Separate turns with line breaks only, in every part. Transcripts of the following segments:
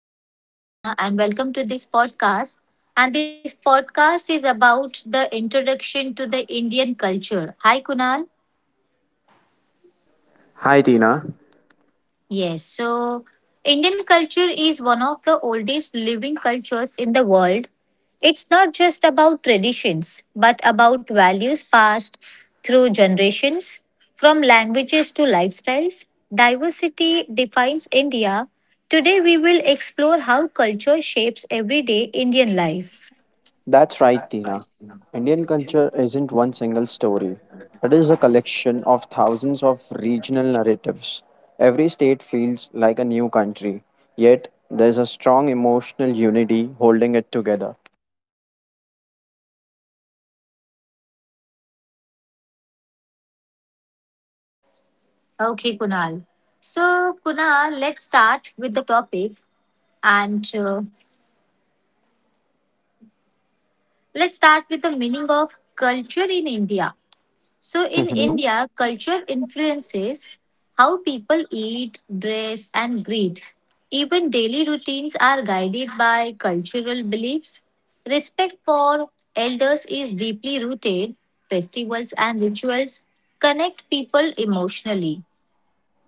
name is Tina, and welcome to this podcast. And this podcast is about the introduction to the Indian culture. Hi, Kunal.
Hi, Tina.
Yes, so Indian culture is one of the oldest living cultures in the world. It's not just about traditions, but about values passed through generations, from languages to lifestyles. Diversity defines India. Today, we will explore how culture shapes everyday Indian life.
That's right, Tina. Indian culture isn't one single story. It is a collection of thousands of regional narratives. Every state feels like a new country, yet there's a strong emotional unity holding it together.
Okay, Kunal. So, Kunal, let's start with the topic and let's start with the meaning of culture in India. So in
Mhm.
India, culture influences how people eat, dress, and greet. Even daily routines are guided by cultural beliefs. Respect for elders is deeply rooted. Festivals and rituals connect people emotionally.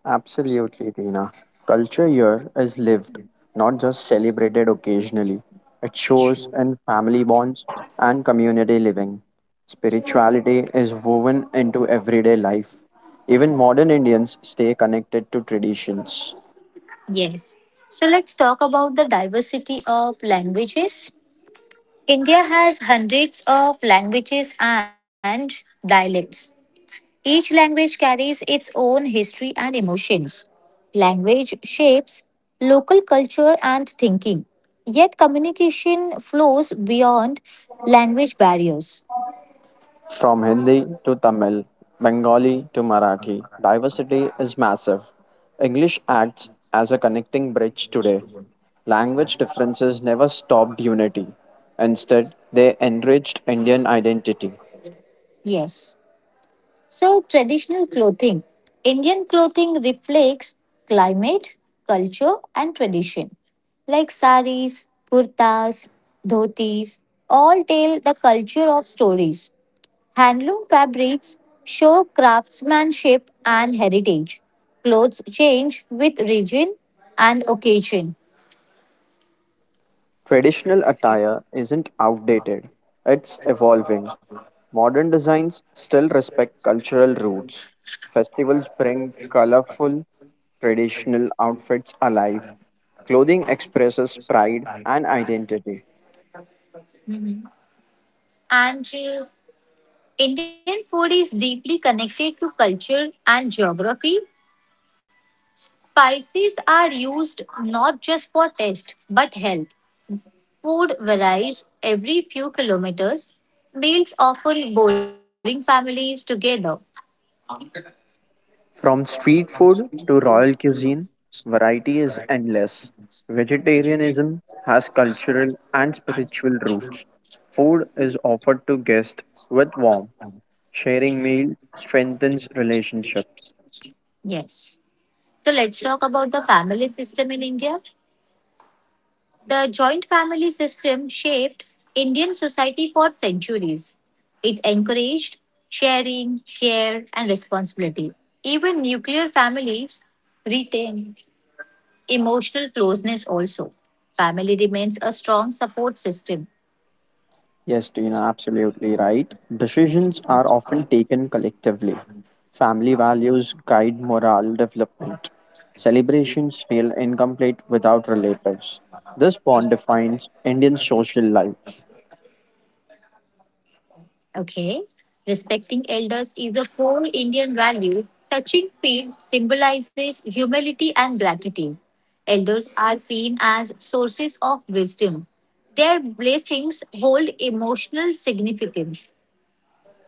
Absolutely, Tina. Culture here is lived, not just celebrated occasionally. It shows in family bonds and community living. Spirituality is woven into everyday life. Even modern Indians stay connected to traditions.
Yes. So let's talk about the diversity of languages. India has hundreds of languages and dialects. Each language carries its own history and emotions. Language shapes local culture and thinking, yet communication flows beyond language barriers.
From Hindi to Tamil, Bengali to Marathi, diversity is massive. English acts as a connecting bridge today. Language differences never stopped unity. Instead, they enriched Indian identity.
Yes. So, traditional clothing. Indian clothing reflects climate, culture, and tradition. Like saris, kurtas, dhotis, all tell the culture of stories. Handloom fabrics show craftsmanship and heritage. Clothes change with region and occasion.
Traditional attire isn't outdated, it's evolving. Modern designs still respect cultural roots. Festivals bring colorful, traditional outfits alive. Clothing expresses pride and identity.
Mhm. And Indian food is deeply connected to culture and geography. Spices are used not just for taste but health. Food varies every few kilometers. Meals often boring families together.
From street food to royal cuisine, variety is endless. Vegetarianism has cultural and spiritual roots. Food is offered to guests with warmth. Sharing meals strengthens relationships.
Yes. So let's talk about the family system in India. The joint family system shaped Indian society for centuries. It encouraged sharing, care, and responsibility. Even nuclear families retain emotional closeness also. Family remains a strong support system.
Yes, Tina, absolutely right. Decisions are often taken collectively. Family values guide moral development. Celebrations feel incomplete without relatives. This bond defines Indian social life.
Okay. Respecting elders is a core Indian value. Touching field symbolizes humility and gratitude. Elders are seen as sources of wisdom. Their blessings hold emotional significance.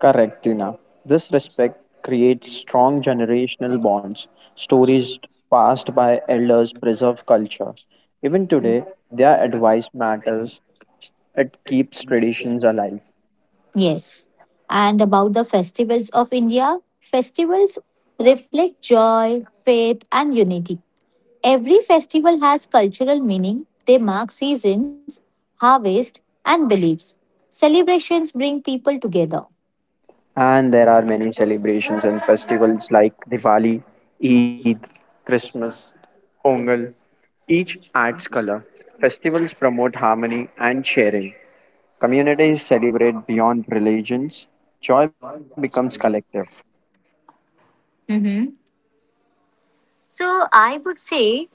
Correct, Tina. This respect creates strong generational bonds. Stories passed by elders preserve culture. Even today, their advice matters. It keeps traditions alive.
Yes. And about the festivals of India, festivals reflect joy, faith, and unity. Every festival has cultural meaning. They mark seasons, harvest, and beliefs. Celebrations bring people together.
And there are many celebrations and festivals like Diwali, Eid, Christmas, Pongal. Each adds color. Festivals promote harmony and sharing. Communities celebrate beyond religions. Joy becomes collective.
Mhm. So, I would say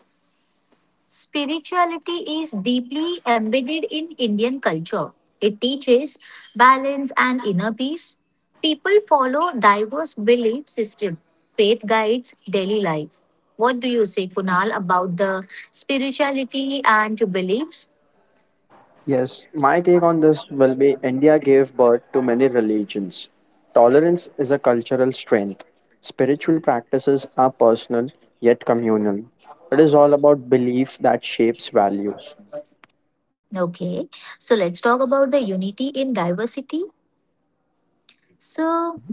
spirituality is deeply embedded in Indian culture. It teaches balance and inner peace. People follow diverse belief system. Faith guides daily life. What do you say, Kunal, about the spirituality and beliefs?
Yes, my take on this will be India gave birth to many religions. Tolerance is a cultural strength. Spiritual practices are personal yet communal. It is all about belief that shapes values.
Okay, so let's talk about the unity in diversity. So,
Mhm.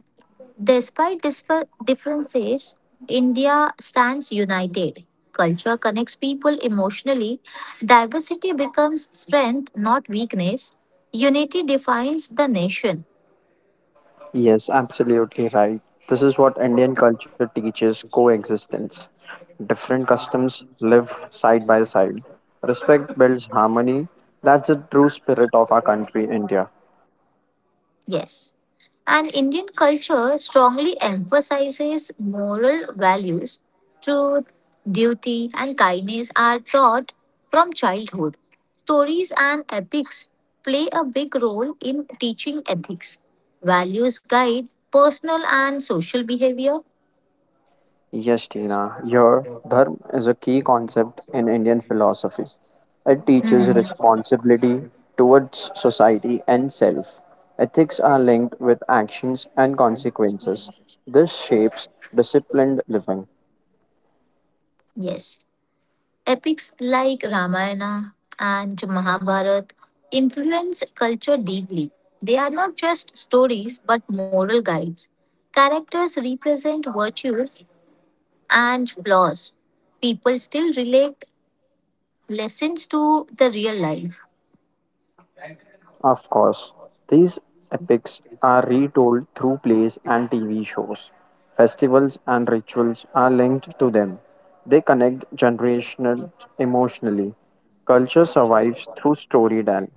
despite differences, India stands united. Culture connects people emotionally. Diversity becomes strength, not weakness. Unity defines the nation.
Yes, absolutely right. This is what Indian culture teaches coexistence. Different customs live side by side. Respect builds harmony. That's the true spirit of our country, India.
Yes. And Indian culture strongly emphasizes moral values. Truth, duty, and kindness are taught from childhood. Stories and epics play a big role in teaching ethics. Values guide personal and social behavior.
Yes, Tina, your dharma is a key concept in Indian philosophy. It teaches
Mhm.
responsibility towards society and self. Ethics are linked with actions and consequences. This shapes disciplined living.
Yes. Epics like Ramayana and Mahabharata influence culture deeply. They are not just stories but moral guides. Characters represent virtues and flaws. People still relate lessons to the real life.
Of course, these epics are retold through plays and TV shows. Festivals and rituals are linked to them. They connect generations emotionally. Culture survives through storytelling.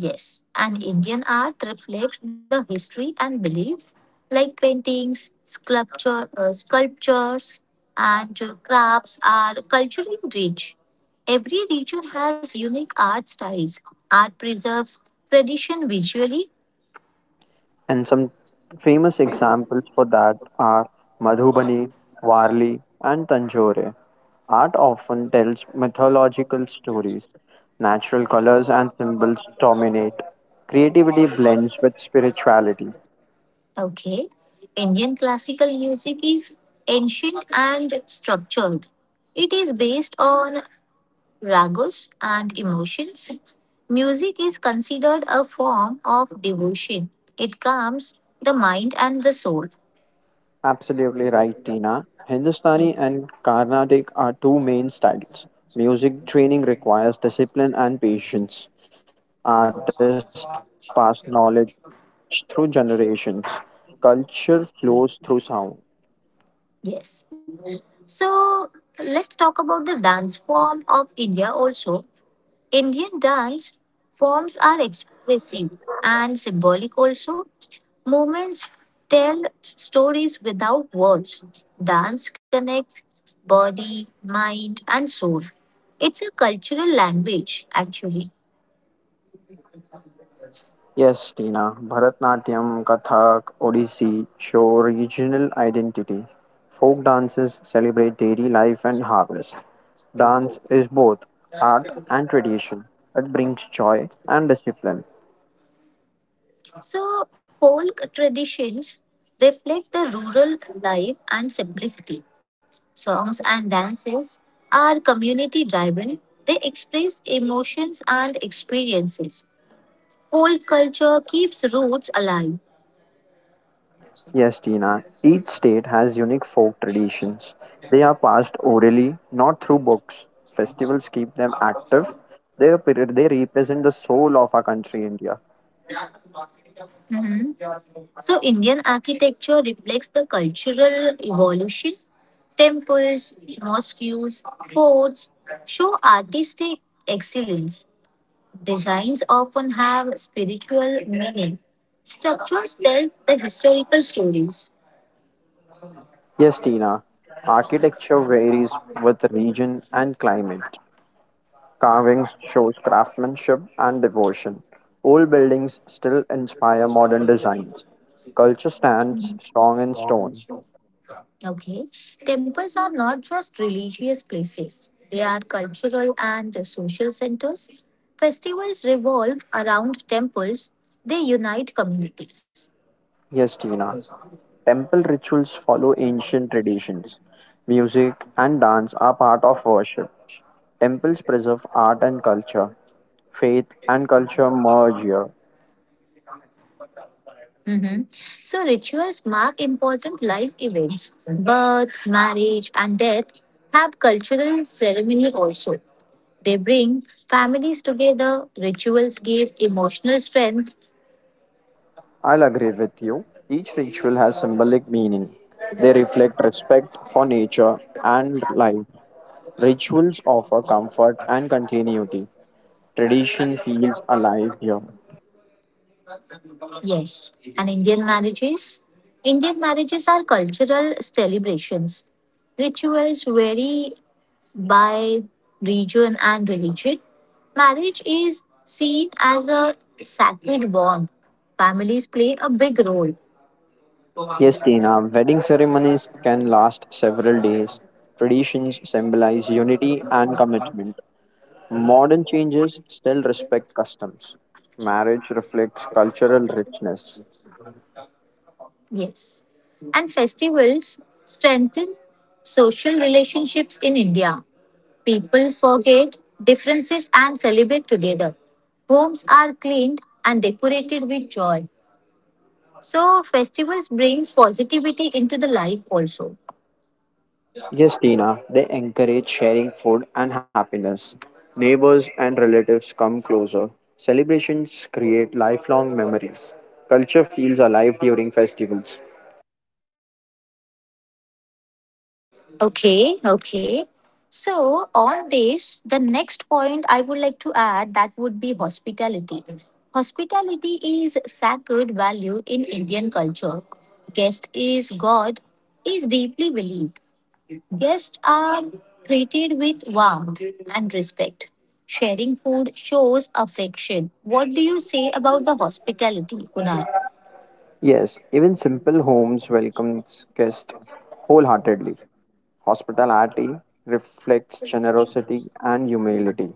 Yes, and Indian art reflects the history and beliefs like paintings, sculpture, sculptures, and crafts are culturally rich. Every region has unique art styles. Art preserves tradition visually.
And some famous examples for that are Madhubani, Warli, and Tanjore. Art often tells mythological stories. Natural colors and symbols dominate. Creativity blends with spirituality.
Okay. Indian classical music is ancient and structured. It is based on ragus, and emotions. Music is considered a form of devotion. It calms the mind and the soul.
Absolutely right, Tina. Hindustani
Yes.
and Carnatic are two main styles. Music training requires discipline and patience. Artists pass knowledge through generations. Culture flows through sound.
Yes. So let's talk about the dance form of India also. Indian dance forms are expressive and symbolic also. Movements tell stories without words. Dance connects body, mind, and soul. It's a cultural language, actually.
Yes, Tina, Bharatnatyam, Kathak, Odissi show regional identity. Folk dances celebrate daily life and harvest. Dance is both art and tradition. It brings joy and discipline.
So, folk traditions reflect the rural life and simplicity. Songs and dances are community driven, they express emotions and experiences. Folk culture keeps roots alive.
Yes, Tina, each state has unique folk traditions. They are passed orally, not through books. Festivals keep them active. They represent the soul of our country, India.
Mhm. So, Indian architecture reflects the cultural evolution. Temples, mosques, forts show artistic excellence. Designs often have spiritual meaning. Structures tell the historical stories.
Yes, Tina. Architecture varies with region and climate. Carvings show craftsmanship and devotion. Old buildings still inspire modern designs. Culture stands
Mhm.
strong in stone.
Okay. Temples are not just religious places, they are cultural and social centers. Festivals revolve around temples, they unite communities.
Yes, Tina. Temple rituals follow ancient traditions. Music and dance are part of worship. Temples preserve art and culture. Faith and culture merge here.
Hmm. So rituals mark important life events. Birth, marriage, and death have cultural ceremony also. They bring families together. Rituals give emotional strength.
I'll agree with you. Each ritual has symbolic meaning. They reflect respect for nature and life. Rituals offer comfort and continuity. Tradition feels alive here.
Yes. And Indian marriages? Indian marriages are cultural celebrations. Rituals vary by region and religion. Marriage is seen as a sacred bond. Families play a big role.
Yes, Tina, wedding ceremonies can last several days. Traditions symbolize unity and commitment. Modern changes still respect customs. Marriage reflects cultural richness.
Yes. And festivals strengthen social relationships in India. People forget differences and celebrate together. Homes are cleaned and decorated with joy. So, festivals bring positivity into the life also.
Yes, Tina, they encourage sharing food and happiness. Neighbors and relatives come closer. Celebrations create lifelong memories. Culture feels alive during festivals.
Okay, okay. So, on this, the next point I would like to add that would be hospitality. Hospitality is sacred value in Indian culture. Guest is God is deeply believed. Guests are treated with warmth and respect. Sharing food shows affection. What do you say about the hospitality, Kunal?
Yes, even simple homes welcomes guests wholeheartedly. Hospitality reflects generosity and humility.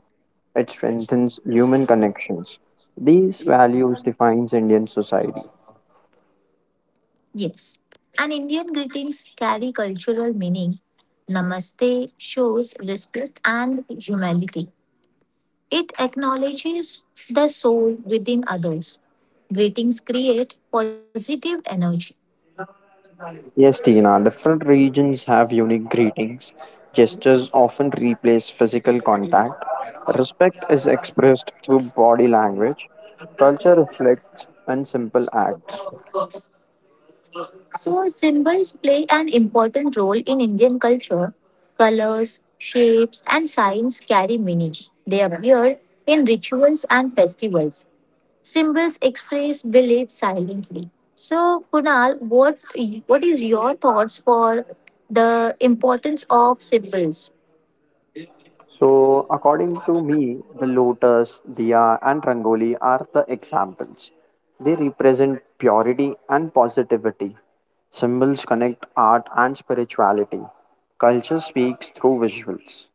It strengthens human connections. These values defines Indian society.
Yes. And Indian greetings carry cultural meaning. Namaste shows respect and humility. It acknowledges the soul within others. Greetings create positive energy.
Yes, Tina, different regions have unique greetings. Gestures often replace physical contact. Respect is expressed through body language. Culture reflects in simple acts.
So, symbols play an important role in Indian culture. Colors, shapes, and signs carry meaning. They appear in rituals and festivals. Symbols express beliefs silently. So, Kunal, what is your thoughts for the importance of symbols?
So, according to me, the lotus, diya, and rangoli are the examples. They represent purity and positivity. Symbols connect art and spirituality. Culture speaks through visuals.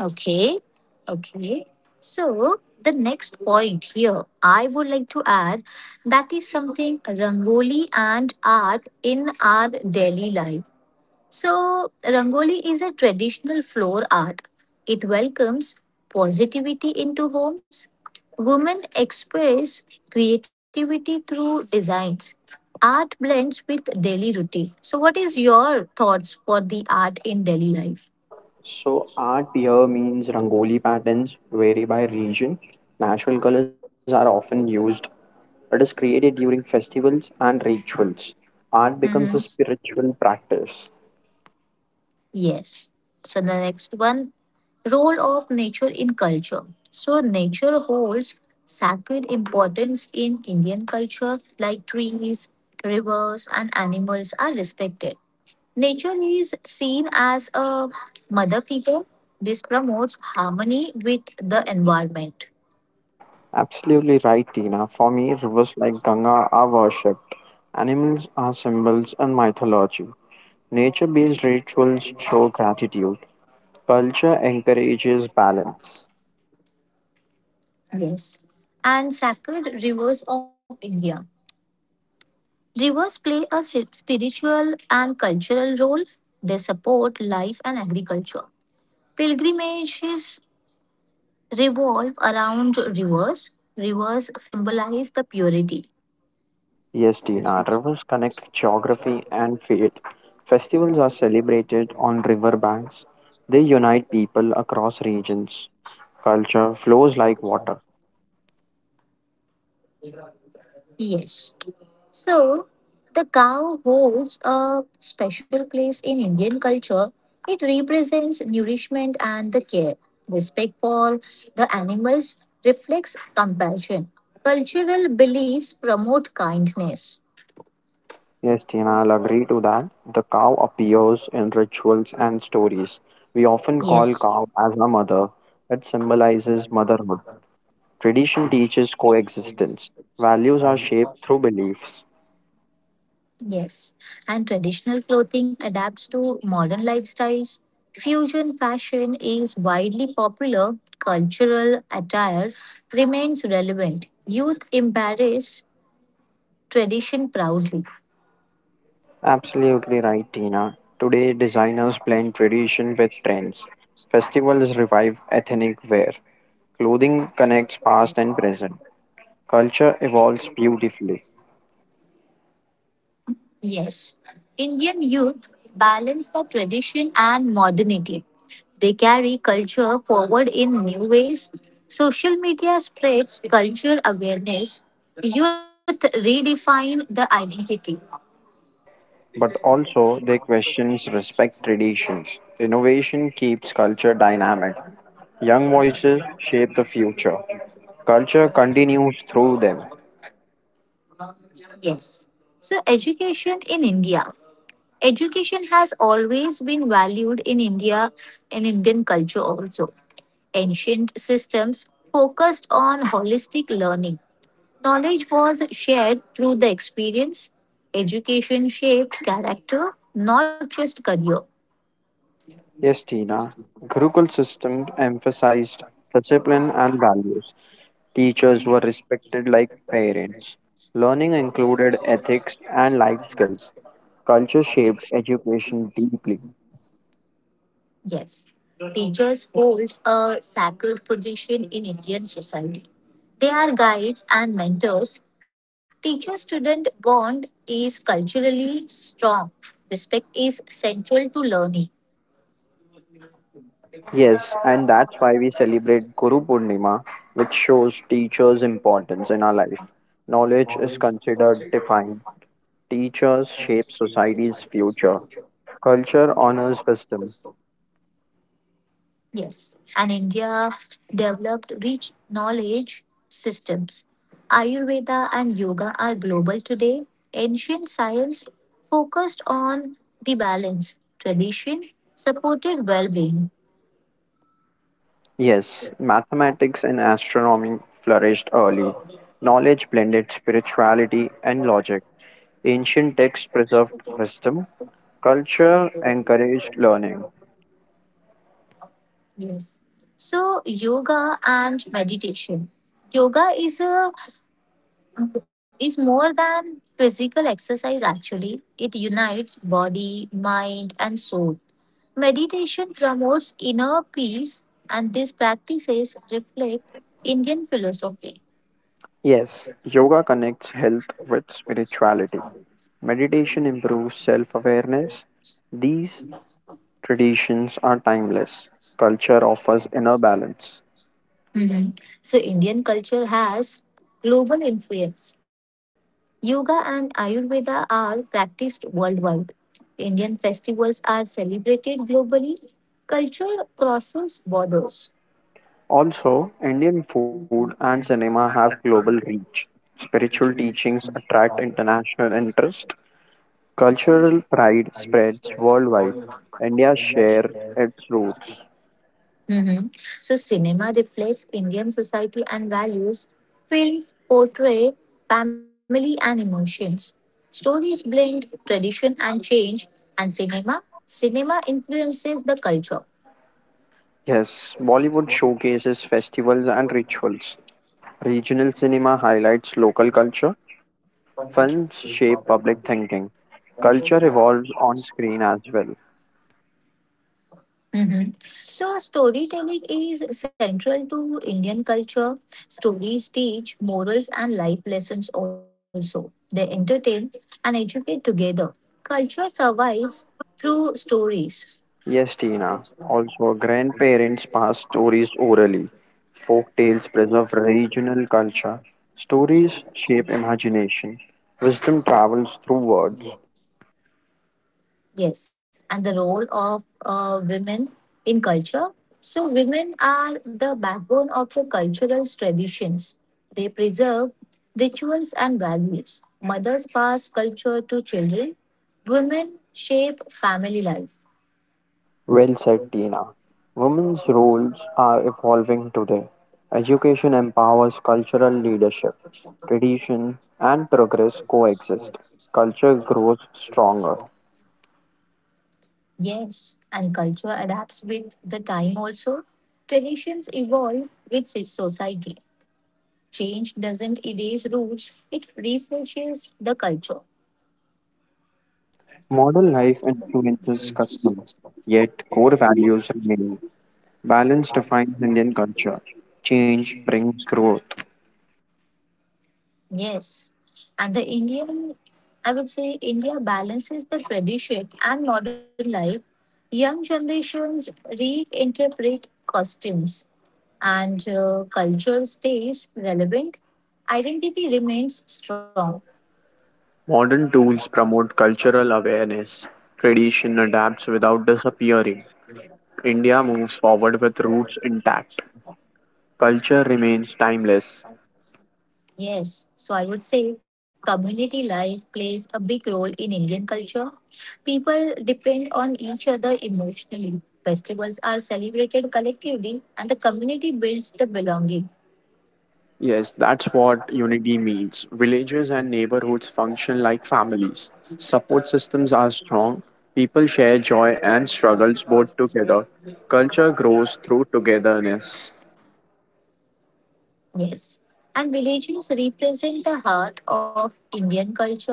Okay, okay. So the next point here, I would like to add that is something Rangoli and art in our daily life. So Rangoli is a traditional floor art. It welcomes positivity into homes. Women express creativity through designs. Art blends with daily routine. So, what is your thoughts for the art in daily life?
So art here means Rangoli patterns vary by region. Natural colors are often used. It is created during festivals and rituals. Art becomes a
Mhm.
spiritual practice.
Yes. So the next one, role of nature in culture. So nature holds sacred importance in Indian culture, like trees, rivers, and animals are respected. Nature is seen as a mother figure. This promotes harmony with the environment.
Absolutely right, Tina. For me, rivers like Ganga are worshipped. Animals are symbols in mythology. Nature based rituals show gratitude. Culture encourages balance.
Yes. And sacred rivers of India. Rivers play a spiritual and cultural role. They support life and agriculture. Pilgrimages revolve around rivers. Rivers symbolize the purity.
Yes, Tina, rivers connect geography and faith. Festivals are celebrated on riverbanks. They unite people across regions. Culture flows like water.
Yes. So, the cow holds a special place in Indian culture. It represents nourishment and the care. Respect for the animals reflects compassion. Cultural beliefs promote kindness.
Yes, Tina, I'll agree to that. The cow appears in rituals and stories. We often call
Yes.
cow as a mother. It symbolizes motherhood. Tradition teaches coexistence. Values are shaped through beliefs.
Yes, and traditional clothing adapts to modern lifestyles. Fusion fashion is widely popular. Cultural attire remains relevant. Youth embrace tradition proudly.
Absolutely right, Tina. Today, designers blend tradition with trends. Festivals revive ethnic wear. Clothing connects past and present. Culture evolves beautifully,
Yes, Indian youth balance the tradition and modernity. They carry culture forward in new ways. Social media spreads culture awareness. Youth redefine the identity.
but also they questions respect traditions. Innovation keeps culture dynamic. Young voices shape the future. Culture continues through them.
Yes. So, education in India. Education has always been valued in India and Indian culture also. Ancient systems focused on holistic learning. Knowledge was shared through the experience. Education shaped character, not just career.
Yes, Tina. Gurukul system emphasized discipline and values. Teachers were respected like parents. Learning included ethics and life skills. Culture shaped education deeply.
Yes, teachers hold a sacred position in Indian society. They are guides and mentors. Teacher student bond is culturally strong. Respect is central to learning.
Yes, and that's why we celebrate Guru Purnima, which shows teachers' importance in our life. Knowledge is considered divine. Teachers shape society's future. Culture honors wisdom.
Yes, and India developed rich knowledge systems. Ayurveda and yoga are global today. Ancient science focused on the balance, tradition supported well being.
Yes, mathematics and astronomy flourished early. Knowledge blended spirituality and logic. Ancient texts preserved wisdom. Culture encouraged learning.
Yes. So yoga and meditation. Yoga is more than physical exercise actually. It unites body, mind and soul. Meditation promotes inner peace and these practices reflect Indian philosophy.
Yes, yoga connects health with spirituality. Meditation improves self awareness. These traditions are timeless. Culture offers inner balance.
Mhm. So, Indian culture has global influence. Yoga and Ayurveda are practiced worldwide. Indian festivals are celebrated globally. Culture crosses borders.
Also, Indian food and cinema have global reach. Spiritual teachings attract international interest. Cultural pride spreads worldwide. India shares its roots.
Mhm. So, cinema reflects Indian society and values. Films portray family and emotions. Stories blend tradition and change. And cinema influences the culture.
Yes, Bollywood showcases festivals and rituals. Regional cinema highlights local culture. Films shape public thinking. Culture evolves on screen as well.
Mhm. So, storytelling is central to Indian culture. Stories teach morals and life lessons also. They entertain and educate together. Culture survives through stories.
Yes, Tina. Also, grandparents pass stories orally. Folk tales preserve regional culture. Stories shape imagination. Wisdom travels through words.
Yes, and the role of women in culture. So, women are the backbone of the cultural traditions. They preserve rituals and values. Mothers pass culture to children. Women shape family life.
Well said, Tina. Women's roles are evolving today. Education empowers cultural leadership. Tradition and progress coexist. Culture grows stronger.
Yes, and culture adapts with the time also. Traditions evolve with society. Change doesn't erase roots, it refreshes the culture.
Modern life influences customs, yet core values remain. Balance defines Indian culture. Change brings growth.
Yes. And the Indian, I would say India balances the tradition and modern life. Young generations reinterpret customs and culture stays relevant. Identity remains strong.
Modern tools promote cultural awareness. Tradition adapts without disappearing. India moves forward with roots intact. Culture remains timeless.
Yes, so I would say community life plays a big role in Indian culture. People depend on each other emotionally. Festivals are celebrated collectively, and the community builds the belonging.
Yes, that's what unity means. Villages and neighborhoods function like families. Support systems are strong. People share joy and struggles both together. Culture grows through togetherness.
Yes, and villages represent the heart of Indian culture.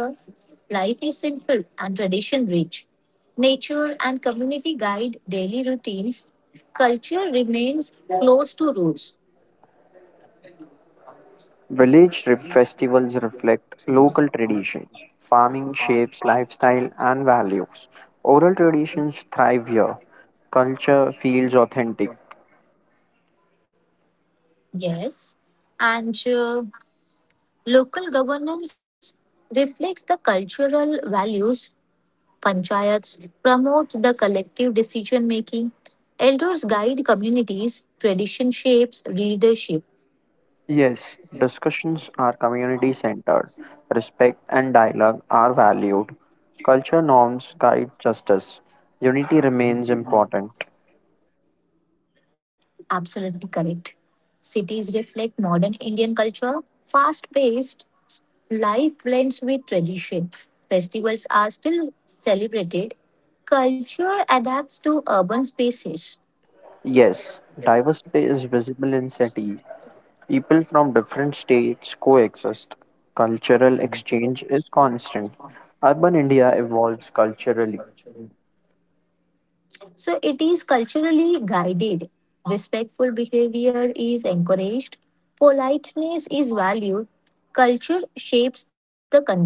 Life is simple and tradition rich. Nature and community guide daily routines. Culture remains close to roots.
Festivals reflect local tradition. Farming shapes lifestyle and values. Oral traditions thrive here. Culture feels authentic.
Yes, and local governance reflects the cultural values. Panchayats promote the collective decision making. Elders guide communities. Tradition shapes leadership.
Yes, discussions are community centered. Respect and dialogue are valued. Culture norms guide justice. Unity remains important.
Absolutely correct. Cities reflect modern Indian culture. Fast paced life blends with tradition. Festivals are still celebrated. Culture adapts to urban spaces.
Yes, diversity is visible in cities. People from different states coexist. Cultural exchange is constant. Urban India evolves culturally.
So it is culturally guided. Respectful behavior is encouraged. Politeness is valued. Culture shapes the conduct.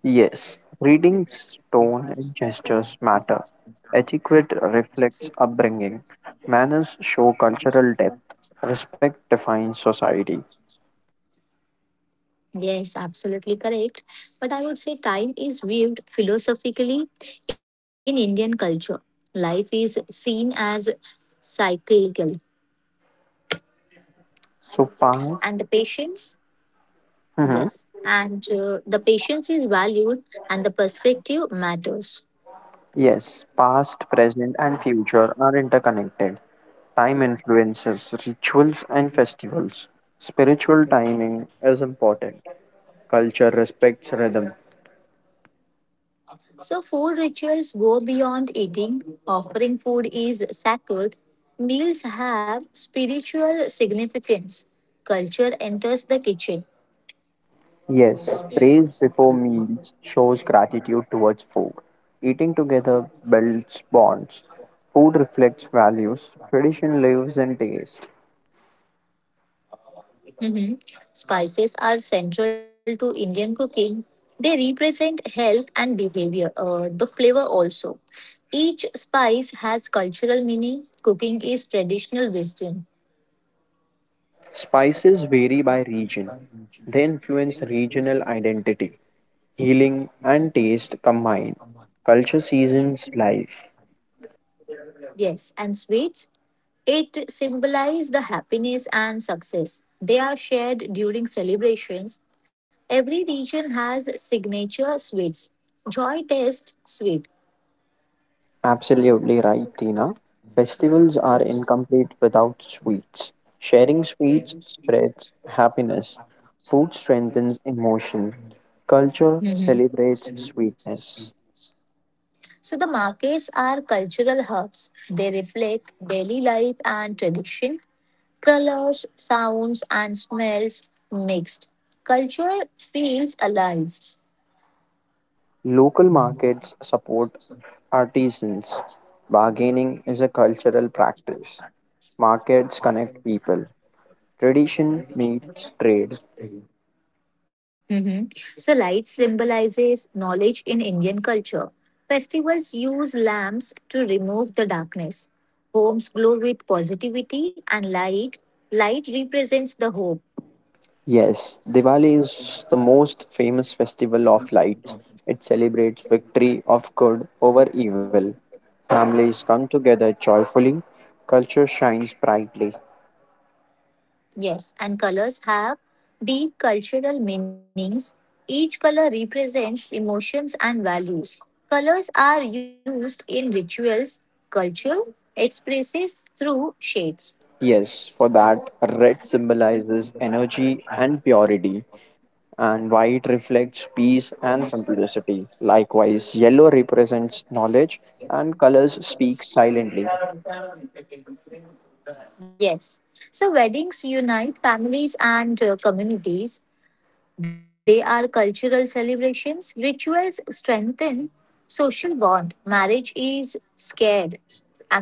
Yes, greetings, tone, and gestures matter. Etiquette reflects upbringing. Manners show cultural depth. Respect defines society.
Yes, absolutely correct. But I would say time is viewed philosophically in Indian culture. Life is seen as cyclical.
So,
And the
past,
patience?
mhm,
Yes. And the patience is valued and the perspective matters.
yes, past, present, and future are interconnected. Time influences rituals and festivals. Spiritual timing is important. Culture respects rhythm.
So, food rituals go beyond eating. Offering food is sacred. Meals have spiritual significance. Culture enters the kitchen.
Yes, praise before meals shows gratitude towards food. Eating together builds bonds. Food reflects values. Tradition lives in taste.
Mhm. Spices are central to Indian cooking. They represent health and behavior, the flavor also. Each spice has cultural meaning. Cooking is traditional wisdom.
Spices vary by region. They influence regional identity. Healing and taste combine. Culture seasons life.
Yes, and sweets, it symbolize the happiness and success. They are shared during celebrations. Every region has signature sweets. Joy taste sweet.
Absolutely right, Tina. Festivals are
Yes.
incomplete without sweets. Sharing sweets spreads happiness. Food strengthens emotion. Culture
Mhm.
celebrates sweetness.
So the markets are cultural hubs. They reflect daily life and tradition. Colors, sounds, and smells mixed. Culture feels alive.
Local markets support artisans. Bargaining is a cultural practice. Markets connect people. Tradition meets trade.
Mhm. So, light symbolizes knowledge in Indian culture. Festivals use lamps to remove the darkness. Homes glow with positivity and light. Light represents the hope.
Yes, Diwali is the most famous festival of lights. It celebrates victory of good over evil. Families come together joyfully. Culture shines brightly.
Yes, and colors have deep cultural meanings. Each color represents emotions and values. Colors are used in rituals, culture expresses through shades.
Yes, for that, red symbolizes energy and purity, and white reflects peace and simplicity. Likewise, yellow represents knowledge, and colors speak silently.
Yes. So weddings unite families and communities. They are cultural celebrations. Rituals strengthen social bond. Marriage is scared.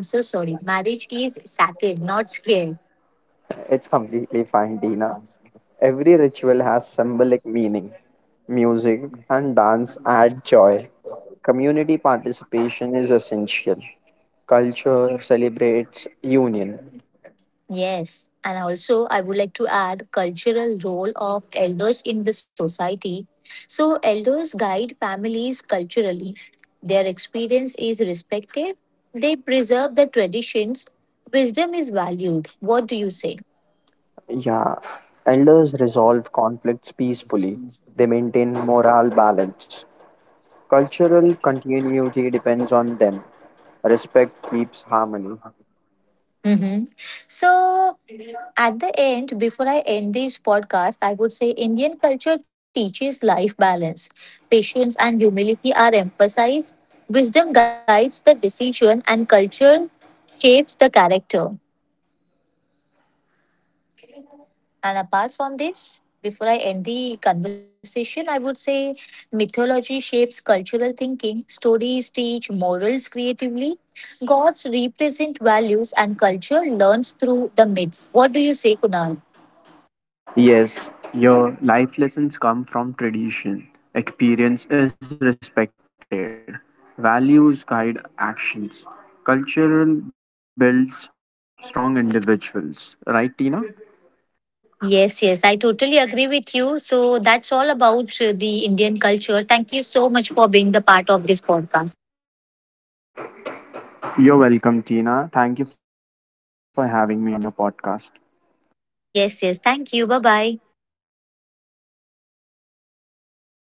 I'm so sorry. Marriage is sacred, not scared.
It's completely fine, Dina. Every ritual has symbolic meaning. Music and dance add joy. Community participation is essential. Culture celebrates union.
Yes, and also I would like to add cultural role of elders in the society. So elders guide families culturally. Their experience is respected. They preserve the traditions. Wisdom is valued. What do you say?
Yeah. Elders resolve conflicts peacefully. They maintain moral balance. Cultural continuity depends on them. Respect keeps harmony.
Mm-hmm. So, at the end, before I end this podcast, I would say Indian culture teaches life balance. Patience and humility are emphasized. Wisdom guides the decision, and culture shapes the character. And apart from this, before I end the conversation, I would say mythology shapes cultural thinking, stories teach morals creatively, gods represent values, and culture learns through the myths. What do you say, Kunal?
Yes, your life lessons come from tradition. Experience is respected. Values guide actions. Cultural builds strong individuals. Right, Tina?
Yes, yes, I totally agree with you. So that's all about the Indian culture. Thank you so much for being the part of this podcast.
You're welcome, Tina. Thank you for having me on your podcast.
Yes, yes, thank you. Bye bye.
Thank you.